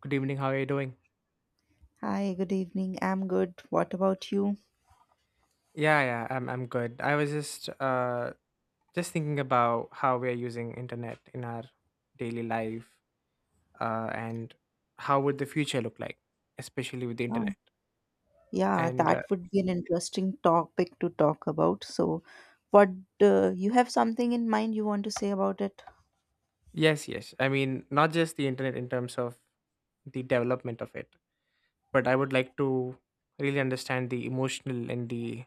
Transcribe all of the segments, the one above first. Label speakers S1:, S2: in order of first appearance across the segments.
S1: Good evening. How are you doing?
S2: Hi, good evening. I'm good. What about you?
S1: Yeah, I'm good. I was just just thinking about how we are using internet in our daily life, and how would the future look like, especially with the
S2: Oh.
S1: internet.
S2: Yeah,
S1: And uh,
S2: that would be an interesting topic to talk about. So, what you have something in mind you want to say about it?
S1: yes, I mean not just the internet in terms of the development of it, but I would like to really understand the emotional and the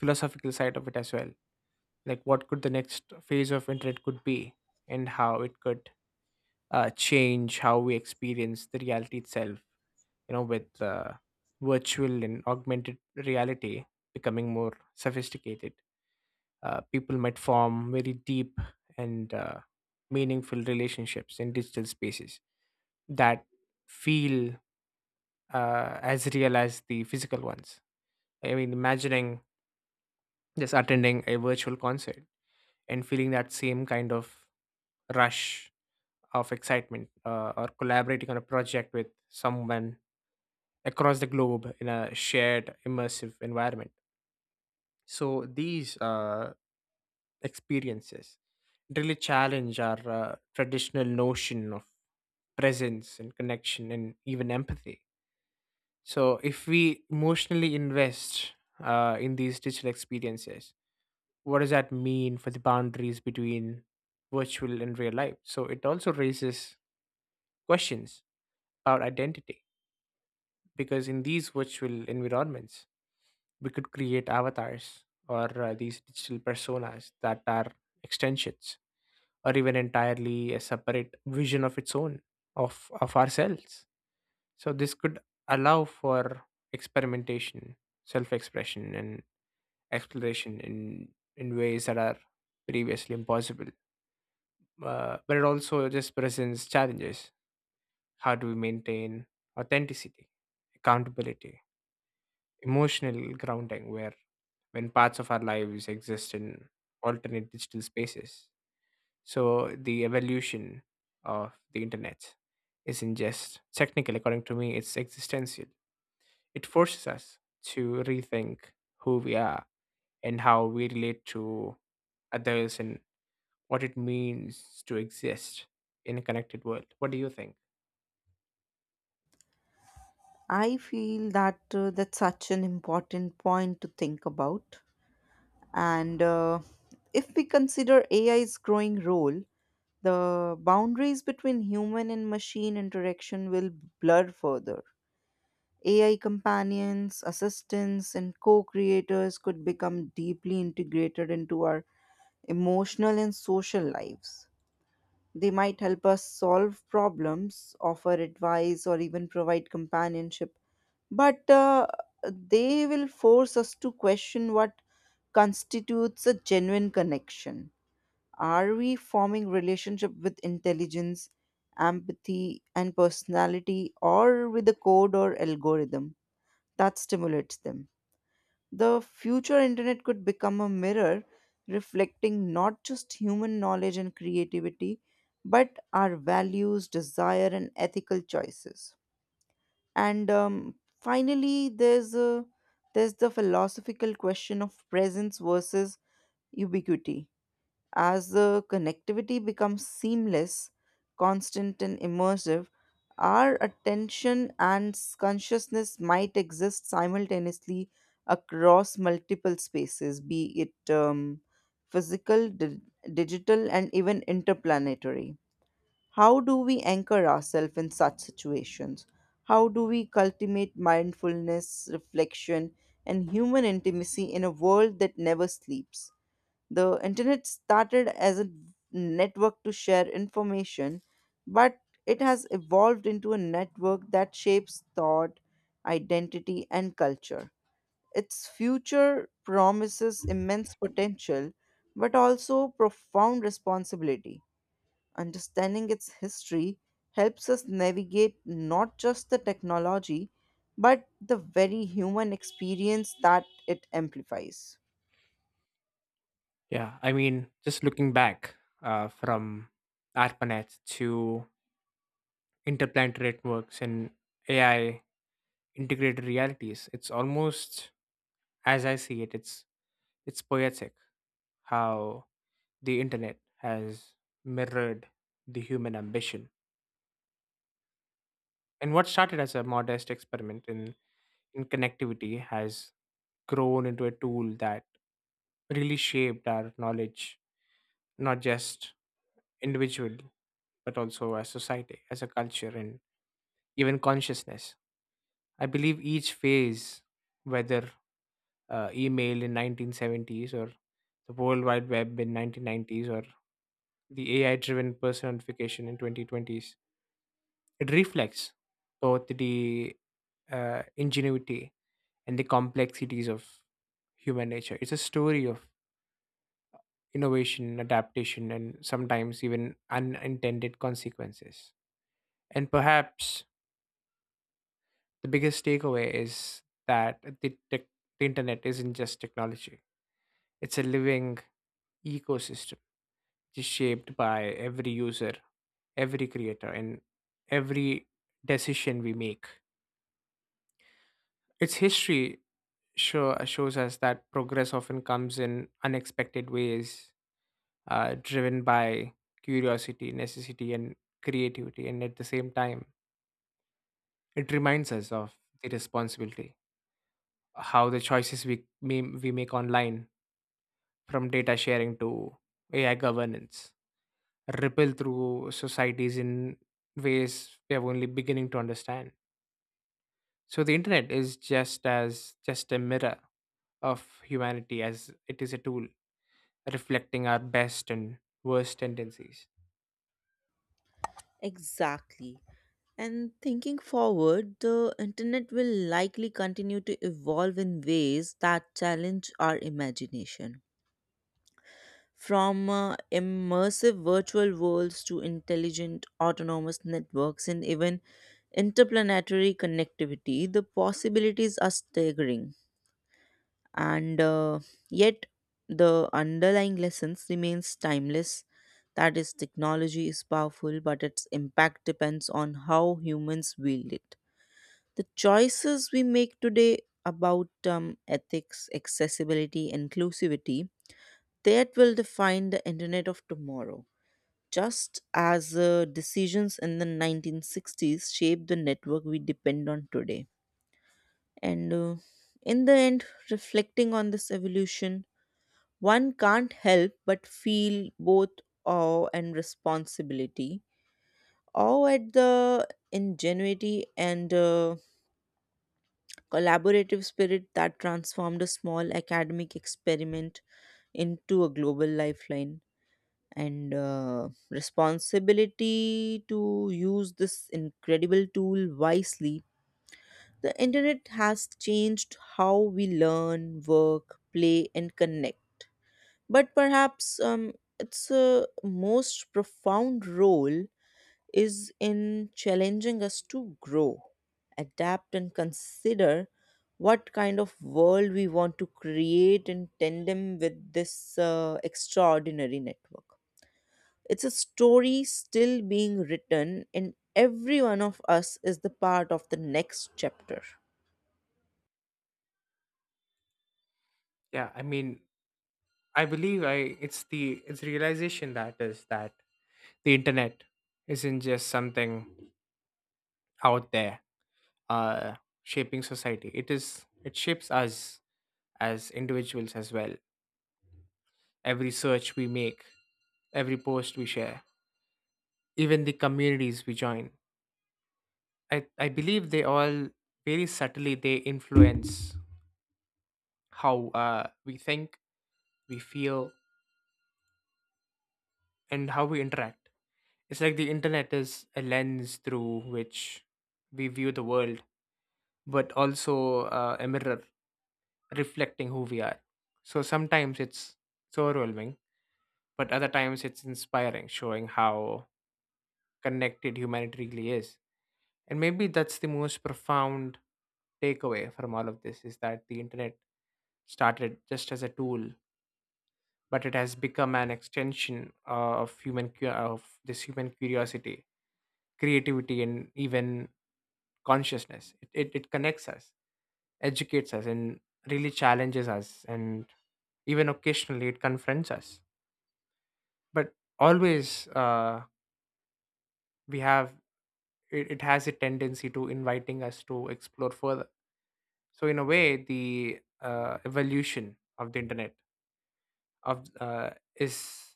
S1: philosophical side of it as well. Like, what could the next phase of internet could be, and how it could change how we experience the reality itself with virtual and augmented reality becoming more sophisticated, people might form very deep and meaningful relationships in digital spaces that feel as real as the physical ones. I mean, imagining just attending a virtual concert and feeling that same kind of rush of excitement, or collaborating on a project with someone across the globe in a shared immersive environment. So these experiences really challenge our traditional notion of presence and connection and even empathy. So if we emotionally invest in these digital experiences, what does that mean for the boundaries between virtual and real life? So it also raises questions about identity because in these virtual environments, we could create avatars or these digital personas that are extensions or even entirely a separate vision of its own of ourselves. So this could allow for experimentation, self expression, and exploration in ways that are previously impossible, but it also just presents challenges. How do we maintain authenticity, accountability, emotional grounding where when parts of our lives exist in alternate digital spaces. So the evolution of the internet isn't just technical, according to me, it's existential. It forces us to rethink who we are and how we relate to others and what it means to exist in a connected world. What do you think?
S2: I feel that that's such an important point to think about. And if we consider AI's growing role, the boundaries between human and machine interaction will blur further. AI companions, assistants, and co creators could become deeply integrated into our emotional and social lives. They might help us solve problems, offer advice, or even provide companionship. But they will force us to question what constitutes a genuine connection. Are we forming relationship with intelligence, empathy, and personality, or with a code or algorithm that stimulates them? The future internet could become a mirror reflecting not just human knowledge and creativity, but our values, desire, and ethical choices. And finally, there's the philosophical question of presence versus ubiquity. As the connectivity becomes seamless, constant, and immersive, our attention and consciousness might exist simultaneously across multiple spaces, be it physical, digital, and even interplanetary. How do we anchor ourselves in such situations? How do we cultivate mindfulness, reflection, and human intimacy in a world that never sleeps? The internet started as a network to share information, but it has evolved into a network that shapes thought, identity, and culture. Its future promises immense potential, but also profound responsibility. Understanding its history helps us navigate not just the technology, but the very human experience that it amplifies.
S1: Yeah, I mean, just looking back from ARPANET to interplanetary networks and AI integrated realities. It's almost, as I see it, it's poetic how the internet has mirrored the human ambition. And what started as a modest experiment in connectivity has grown into a tool that really shaped our knowledge, not just individual, but also as society, as a culture, and even consciousness. I believe each phase, whether email in 1970s or the world wide web in 1990s or the ai driven personification in 2020s, it reflects both the ingenuity and the complexities of human nature. It's a story of innovation, adaptation, and sometimes even unintended consequences. And perhaps the biggest takeaway is that the internet isn't just technology, it's a living ecosystem is shaped by every user, every creator, and every decision we make. Its history shows us that progress often comes in unexpected ways, driven by curiosity, necessity, and creativity. And at the same time, it reminds us of the responsibility, how the choices we make online, from data sharing to AI governance, ripple through societies in ways we are only beginning to understand. So the internet is just as just a mirror of humanity as it is a tool reflecting our best and worst tendencies.
S2: Exactly. And thinking forward, the internet will likely continue to evolve in ways that challenge our imagination. From immersive virtual worlds to intelligent autonomous networks and even interplanetary connectivity, the possibilities are staggering. And yet, the underlying lessons remains timeless. That is, technology is powerful, but its impact depends on how humans wield it. The choices we make today about ethics, accessibility, inclusivity, that will define the internet of tomorrow. Just as decisions in the 1960s shaped the network we depend on today. And in the end, reflecting on this evolution, one can't help but feel both awe and responsibility. Awe at the ingenuity and collaborative spirit that transformed a small academic experiment into a global lifeline, and responsibility to use this incredible tool wisely. The internet has changed how we learn, work, play, and connect, but perhaps its a most profound role is in challenging us to grow, adapt, and consider what kind of world we want to create in tandem with this extraordinary network. It's a story still being written, and every one of us is the part of the next chapter.
S1: Yeah, I mean, I believe I it's the it's realization that is that the internet isn't just something out there uh shaping society. It is it shapes us as individuals as well. Every search we make, every post we share, even the communities we join, I believe they all very subtly they influence how we think, we feel, and how we interact. It's like the internet is a lens through which we view the world, but also a mirror reflecting who we are. So sometimes it's so overwhelming, but other times it's inspiring, showing how connected humanity really is. And maybe that's the most profound takeaway from all of this is that the internet started just as a tool but it has become an extension of this human curiosity, creativity, and even consciousness. It connects us, educates us, and really challenges us, and even occasionally it confronts us, but always we have it has a tendency to inviting us to explore further. So in a way the evolution of the internet of is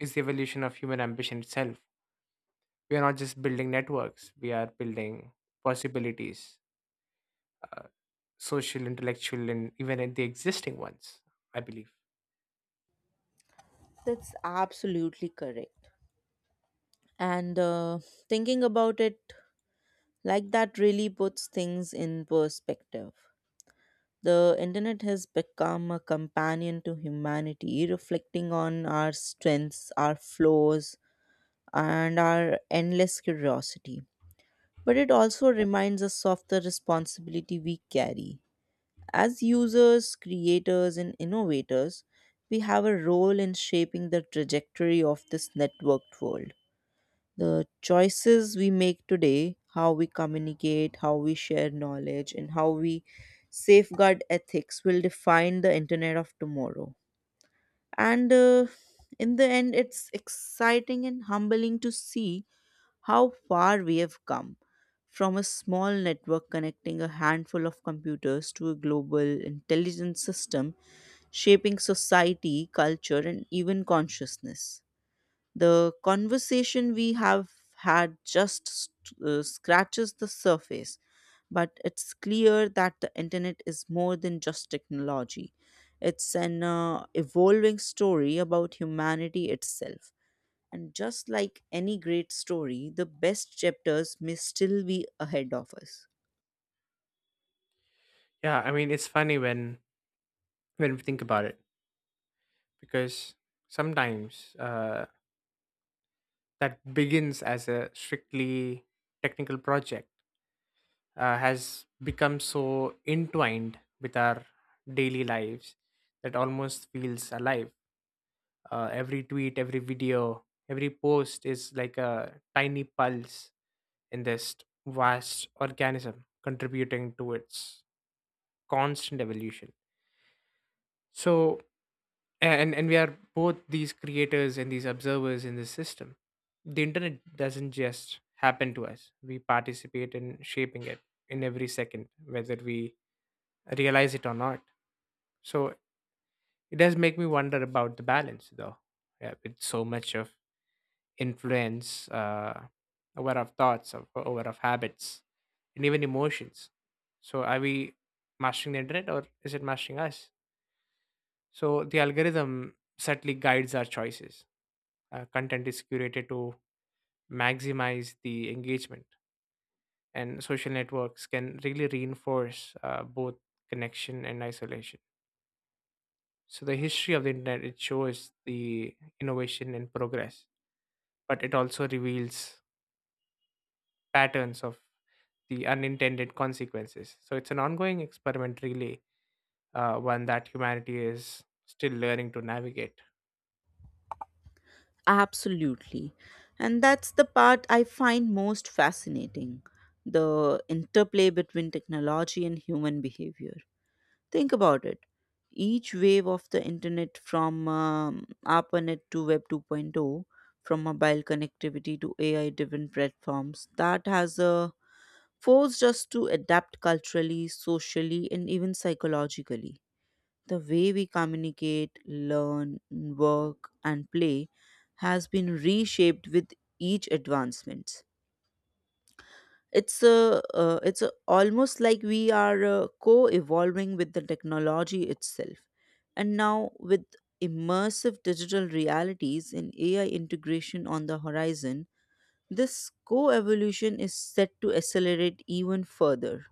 S1: is the evolution of human ambition itself. We are not just building networks, we are building possibilities, uh, social, intellectual, and even in the existing ones, I believe.
S2: That's absolutely correct. And thinking about it like that really puts things in perspective. The internet has become a companion to humanity, reflecting on our strengths, our flaws, and our endless curiosity. But it also reminds us of the responsibility we carry. As users, creators, and innovators, we have a role in shaping the trajectory of this networked world. The choices we make today, how we communicate, how we share knowledge, and how we safeguard ethics will define the internet of tomorrow. And in the end, it's exciting and humbling to see how far we have come from a small network connecting a handful of computers to a global intelligence system shaping society, culture, and even consciousness. The conversation we have had just scratches the surface, but it's clear that the internet is more than just technology. It's an evolving story about humanity itself. And just like any great story, the best chapters may still be ahead of us.
S1: Yeah, I mean, it's funny when we think about it because sometimes that begins as a strictly technical project has become so entwined with our daily lives that almost feels alive. Every tweet, every video, every post is like a tiny pulse in this vast organism contributing to its constant evolution. So and and we are both these creators and these observers in this system. The internet doesn't just happen to us, we participate in shaping it in every second, whether we realize it or not. So it does make me wonder about the balance though. Yeah, with so much of influence, aware of thoughts, of aware of habits, and even emotions. So are we mastering the internet or is it mastering us? So the algorithm subtly guides our choices. Content is curated to maximize the engagement, and social networks can really reinforce both connection and isolation. So the history of the internet it shows the innovation and progress, but it also reveals patterns of the unintended consequences. So it's an ongoing experiment, really, one that humanity is still learning to navigate.
S2: Absolutely. And that's the part I find most fascinating, the interplay between technology and human behavior. Think about it. Each wave of the internet, from ARPANET to Web 2.0, from mobile connectivity to AI driven platforms, that has forced us to adapt culturally, socially, and even psychologically. The way we communicate, learn, work, and play has been reshaped with each advancement. It's almost like we are co-evolving with the technology itself. And now, with immersive digital realities and AI integration on the horizon, this co-evolution is set to accelerate even further.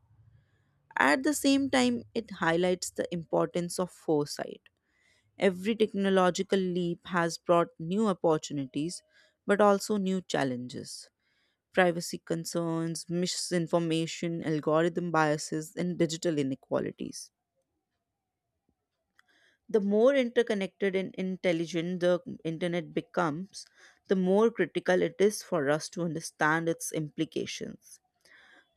S2: At the same time, it highlights the importance of foresight. Every technological leap has brought new opportunities, but also new challenges: privacy concerns, misinformation, algorithm biases, and digital inequalities. The more interconnected and intelligent the internet becomes, the more critical it is for us to understand its implications,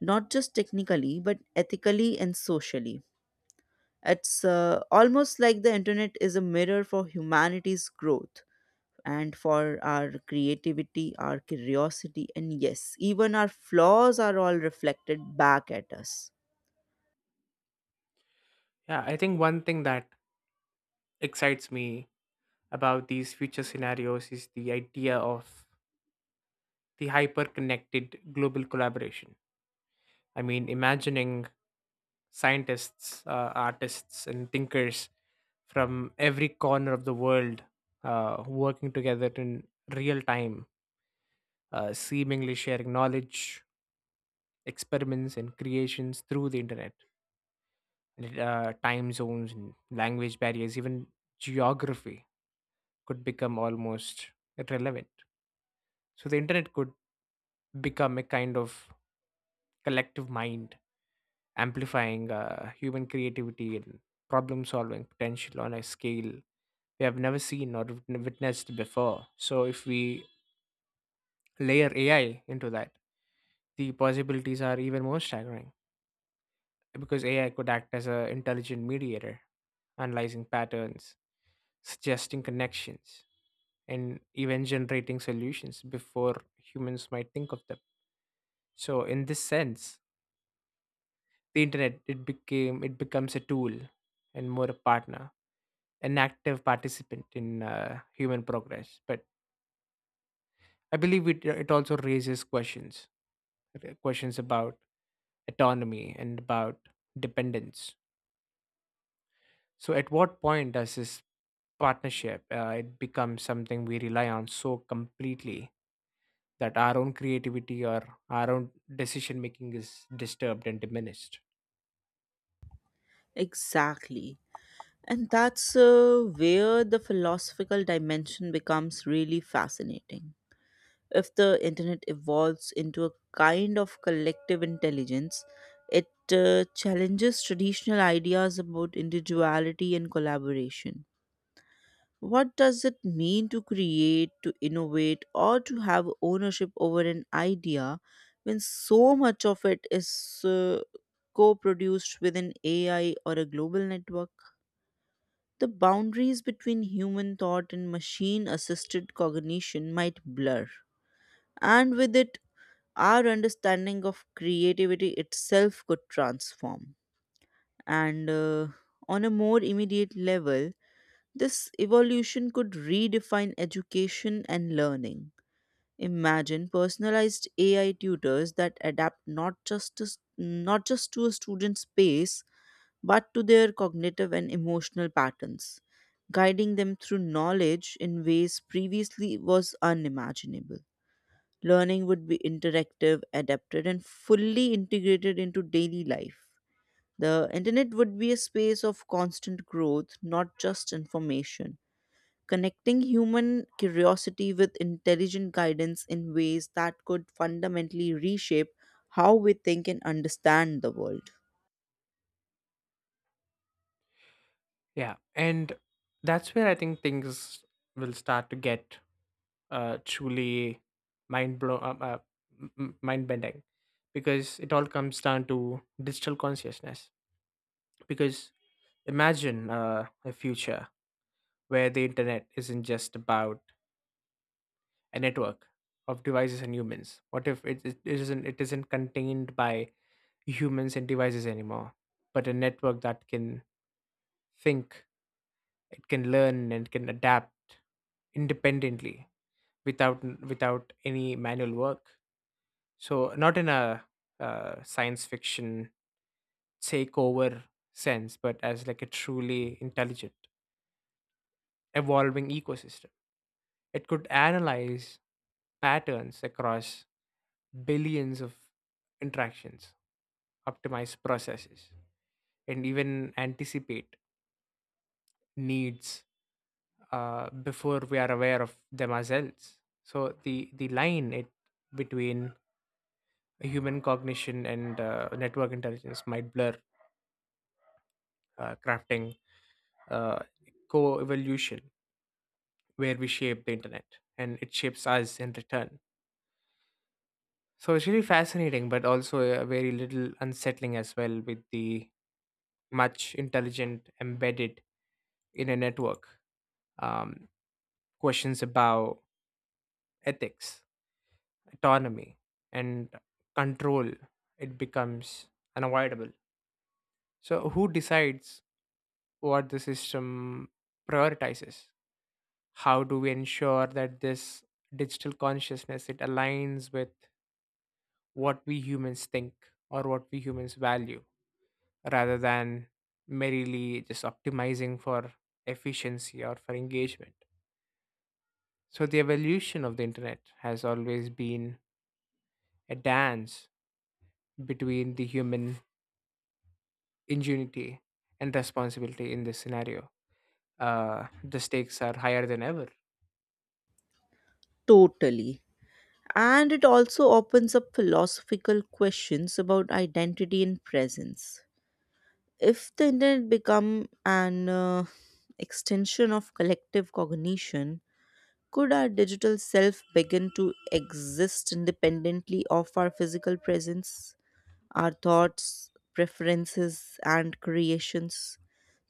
S2: not just technically, but ethically and socially. It's almost like the internet is a mirror for humanity's growth, and for our creativity, our curiosity, and yes, even our flaws are all reflected back at us.
S1: Yeah, I think one thing that excites me about these future scenarios is the idea of the hyper connected global collaboration. I mean, imagining scientists, artists, and thinkers from every corner of the world working together in real time, seemingly sharing knowledge, experiments, and creations through the internet. Time zones, and language barriers, even geography could become almost irrelevant. So the internet could become a kind of collective mind, amplifying human creativity and problem solving potential on a scale we have never seen or witnessed before. So if we layer AI into that, the possibilities are even more staggering because AI could act as an intelligent mediator, analyzing patterns, suggesting connections, and even generating solutions before humans might think of them. So in this sense, the internet it became it becomes a tool and more a partner, an active participant in human progress. But I believe it also raises questions, questions about autonomy and about dependence. So at what point does this partnership it becomes something we rely on so completely that our own creativity or our own decision making is disturbed and diminished.
S2: Exactly. And that's where the philosophical dimension becomes really fascinating. If the internet evolves into a kind of collective intelligence, it challenges traditional ideas about individuality and collaboration. What does it mean to create, to innovate, or to have ownership over an idea when so much of it is co produced within AI or a global network? The boundaries between human thought and machine assisted cognition might blur. And with it, our understanding of creativity itself could transform. And on a more immediate level, this evolution could redefine education and learning. Imagine personalized AI tutors that adapt not just to a student's pace, but to their cognitive and emotional patterns, guiding them through knowledge in ways previously was unimaginable. Learning would be interactive, adapted, and fully integrated into daily life. The internet would be a space of constant growth, not just information, connecting human curiosity with intelligent guidance in ways that could fundamentally reshape how we think and understand the world.
S1: Yeah. And that's where I think things will start to get truly mind blow, m- m- mind bending because it all comes down to digital consciousness. Because imagine a future where the internet isn't just about a network of devices and humans. What if it isn't contained by humans and devices anymore, but a network that can think, it can learn, and can adapt independently without any manual work. So not in a science fiction takeover sense, but as like a truly intelligent, evolving ecosystem. It could analyze patterns across billions of interactions, optimize processes, and even anticipate needs before we are aware of them ourselves. So the line it between human cognition and network intelligence might blur, crafting uh, co-evolution where we shape the internet and it shapes us in return. So it's really fascinating, but also very little unsettling as well with the much intelligent embedded in a network. Um, Questions about ethics, autonomy, and control, it becomes unavoidable. So who decides what the system prioritizes, how do we ensure that this digital consciousness it aligns with what we humans think or what we humans value rather than merely just optimizing for efficiency or for engagement. So the evolution of the internet has always been a dance between the human ingenuity and responsibility in this scenario. The stakes are higher than ever.
S2: Totally. And it also opens up philosophical questions about identity and presence. If the internet become an extension of collective cognition, could our digital self begin to exist independently of our physical presence, our thoughts, preferences, and creations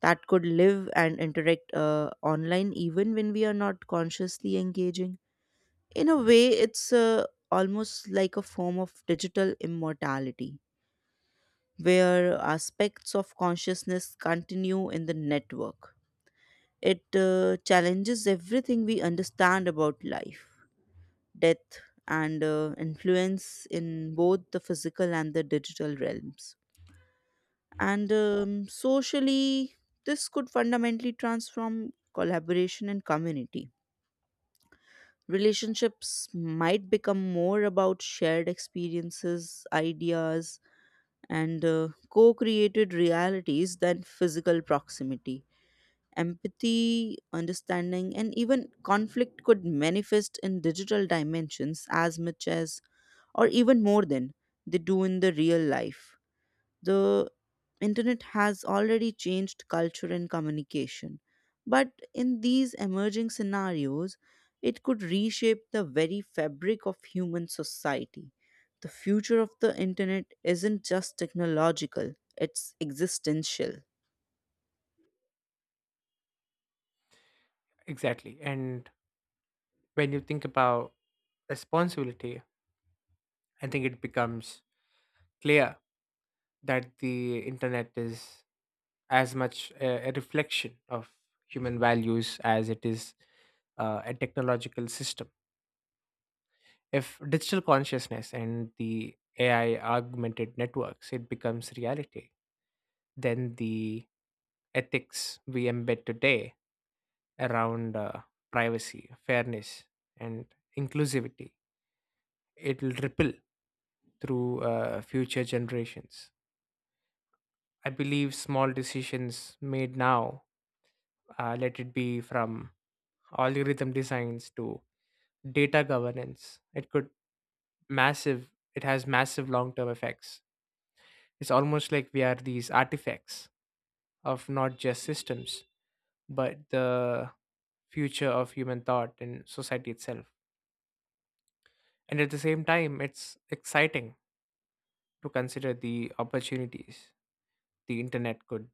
S2: that could live and interact online even when we are not consciously engaging? In a way, it's almost like a form of digital immortality, where aspects of consciousness continue in the network. It challenges everything we understand about life, death, and influence in both the physical and the digital realms. And socially, this could fundamentally transform collaboration and community. Relationships might become more about shared experiences, ideas, and co created realities than physical proximity. Empathy, understanding, and even conflict could manifest in digital dimensions as much as, or even more than, they do in the real life. The internet has already changed culture and communication. But in these emerging scenarios, it could reshape the very fabric of human society. The future of the internet isn't just technological, it's existential.
S1: Exactly. And when you think about responsibility, I think it becomes clear that the internet is as much a reflection of human values as it is a technological system. If digital consciousness and the AI augmented networks, it becomes reality, then the ethics we embed today around privacy, fairness, and inclusivity. It will ripple through future generations. I believe small decisions made now, let it be from algorithm designs to data governance, it could massive. It has massive long-term effects. It's almost like we are these artifacts of not just systems, but the future of human thought and society itself. And at the same time, it's exciting to consider the opportunities the internet could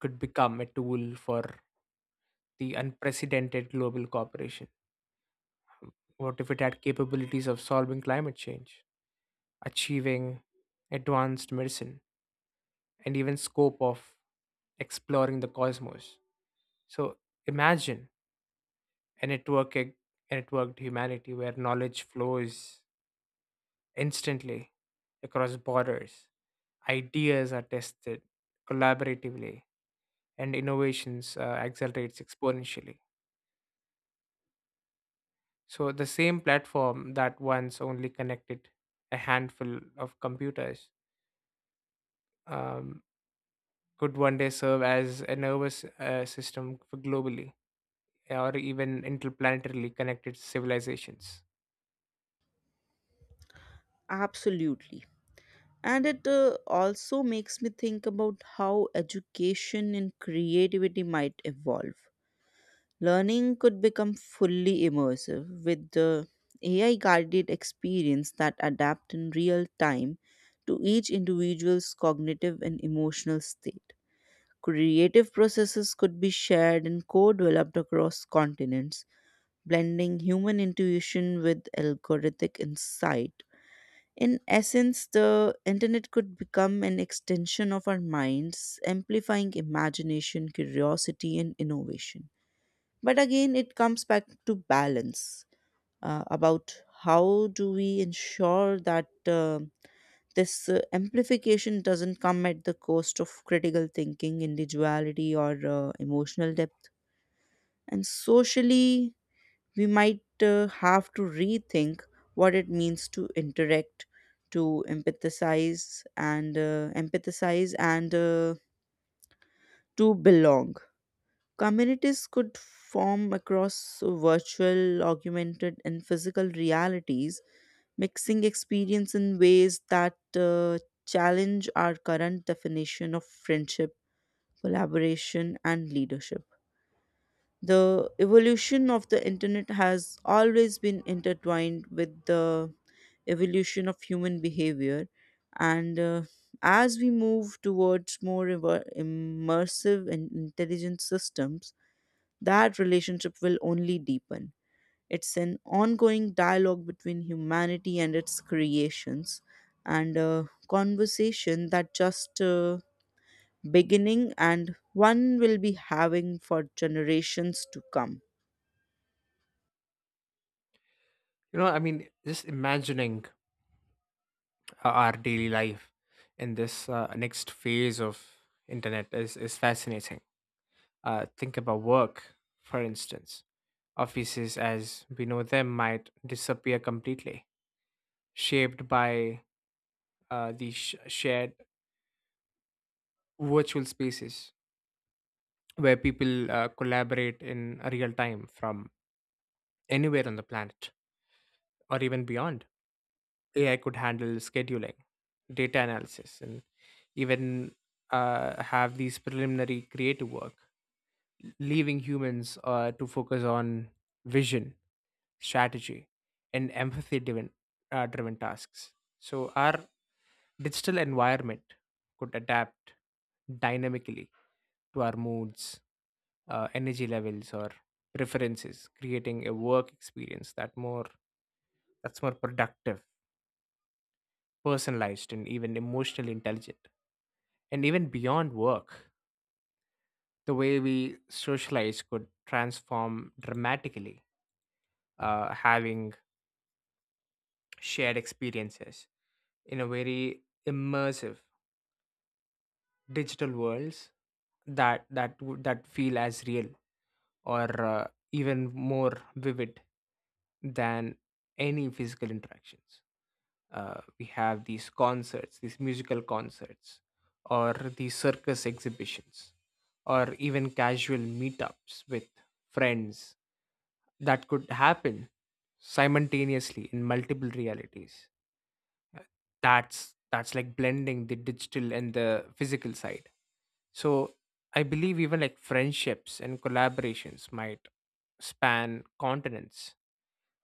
S1: could become a tool for the unprecedented global cooperation. What if it had capabilities of solving climate change, achieving advanced medicine, and even scope of exploring the cosmos. So imagine a networked humanity where knowledge flows instantly across borders, ideas are tested collaboratively, and innovations accelerates exponentially. So the same platform that once only connected a handful of computers um, could one day serve as a nervous system for globally or even interplanetarily connected civilizations.
S2: Absolutely. And it also makes me think about how education and creativity might evolve. Learning could become fully immersive with the AI guided experience that adapt in real time to each individual's cognitive and emotional state. Creative processes could be shared and co developed across continents, blending human intuition with algorithmic insight. In essence, the internet could become an extension of our minds, amplifying imagination, curiosity, and innovation. But again, it comes back to balance, about how do we ensure that this amplification doesn't come at the cost of critical thinking, individuality, or emotional depth. And socially, we might have to rethink what it means to interact, to empathize, and to belong. Communities could form across virtual, augmented, and physical realities, mixing experience in ways that challenge our current definition of friendship, collaboration, and leadership. The evolution of the internet has always been intertwined with the evolution of human behavior, and as we move towards more immersive and intelligent systems, that relationship will only deepen. It's an ongoing dialogue between humanity and its creations, and a conversation that just beginning and one will be having for generations to come.
S1: You know, I mean, just imagining our daily life in this next phase of internet is fascinating. Think about work, for instance, offices as we know them might disappear completely, shaped by shared virtual spaces where people collaborate in real time from anywhere on the planet or even beyond. AI could handle scheduling, data analysis, and even have these preliminary creative work, leaving humans to focus on vision, strategy, and driven tasks. So, our digital environment could adapt dynamically to our moods, energy levels, or preferences, creating a work experience that's more productive, personalized, and even emotionally intelligent. And even beyond work, the way we socialize could transform dramatically, having shared experiences in a very immersive digital worlds that feel as real or even more vivid than any physical interactions. We have these concerts, these musical concerts, or these circus exhibitions, or even casual meetups with friends that could happen simultaneously in multiple realities. Uh, that's like blending the digital and the physical side. So I believe even like friendships and collaborations might span continents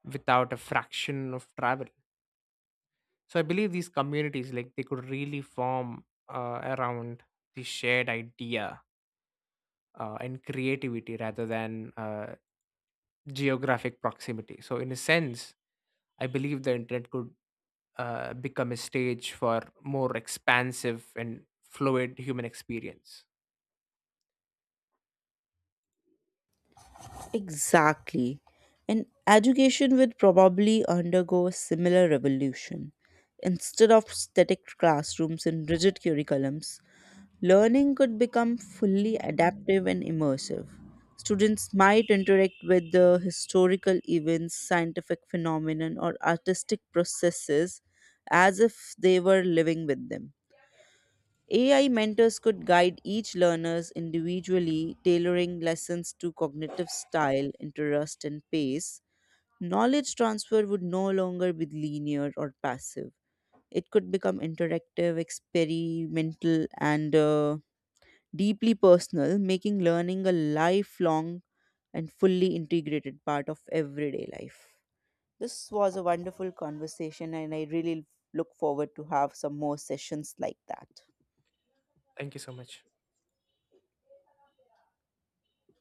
S1: without a fraction of travel. So I believe these communities like they could really form around the shared idea and creativity rather than geographic proximity. So in a sense, I believe the internet could become a stage for more expansive and fluid human experience.
S2: Exactly. And education would probably undergo a similar revolution. Instead of static classrooms and rigid curriculums, learning could become fully adaptive and immersive. Students might interact with the historical events, scientific phenomenon, or artistic processes as if they were living with them. AI mentors could guide each learners individually, tailoring lessons to cognitive style, interest, and pace. Knowledge transfer would no longer be linear or passive. It could become interactive, experimental, and deeply personal, making learning a lifelong and fully integrated part of everyday life. This was a wonderful conversation, and I really look forward to have some more sessions like that.
S1: Thank you so much.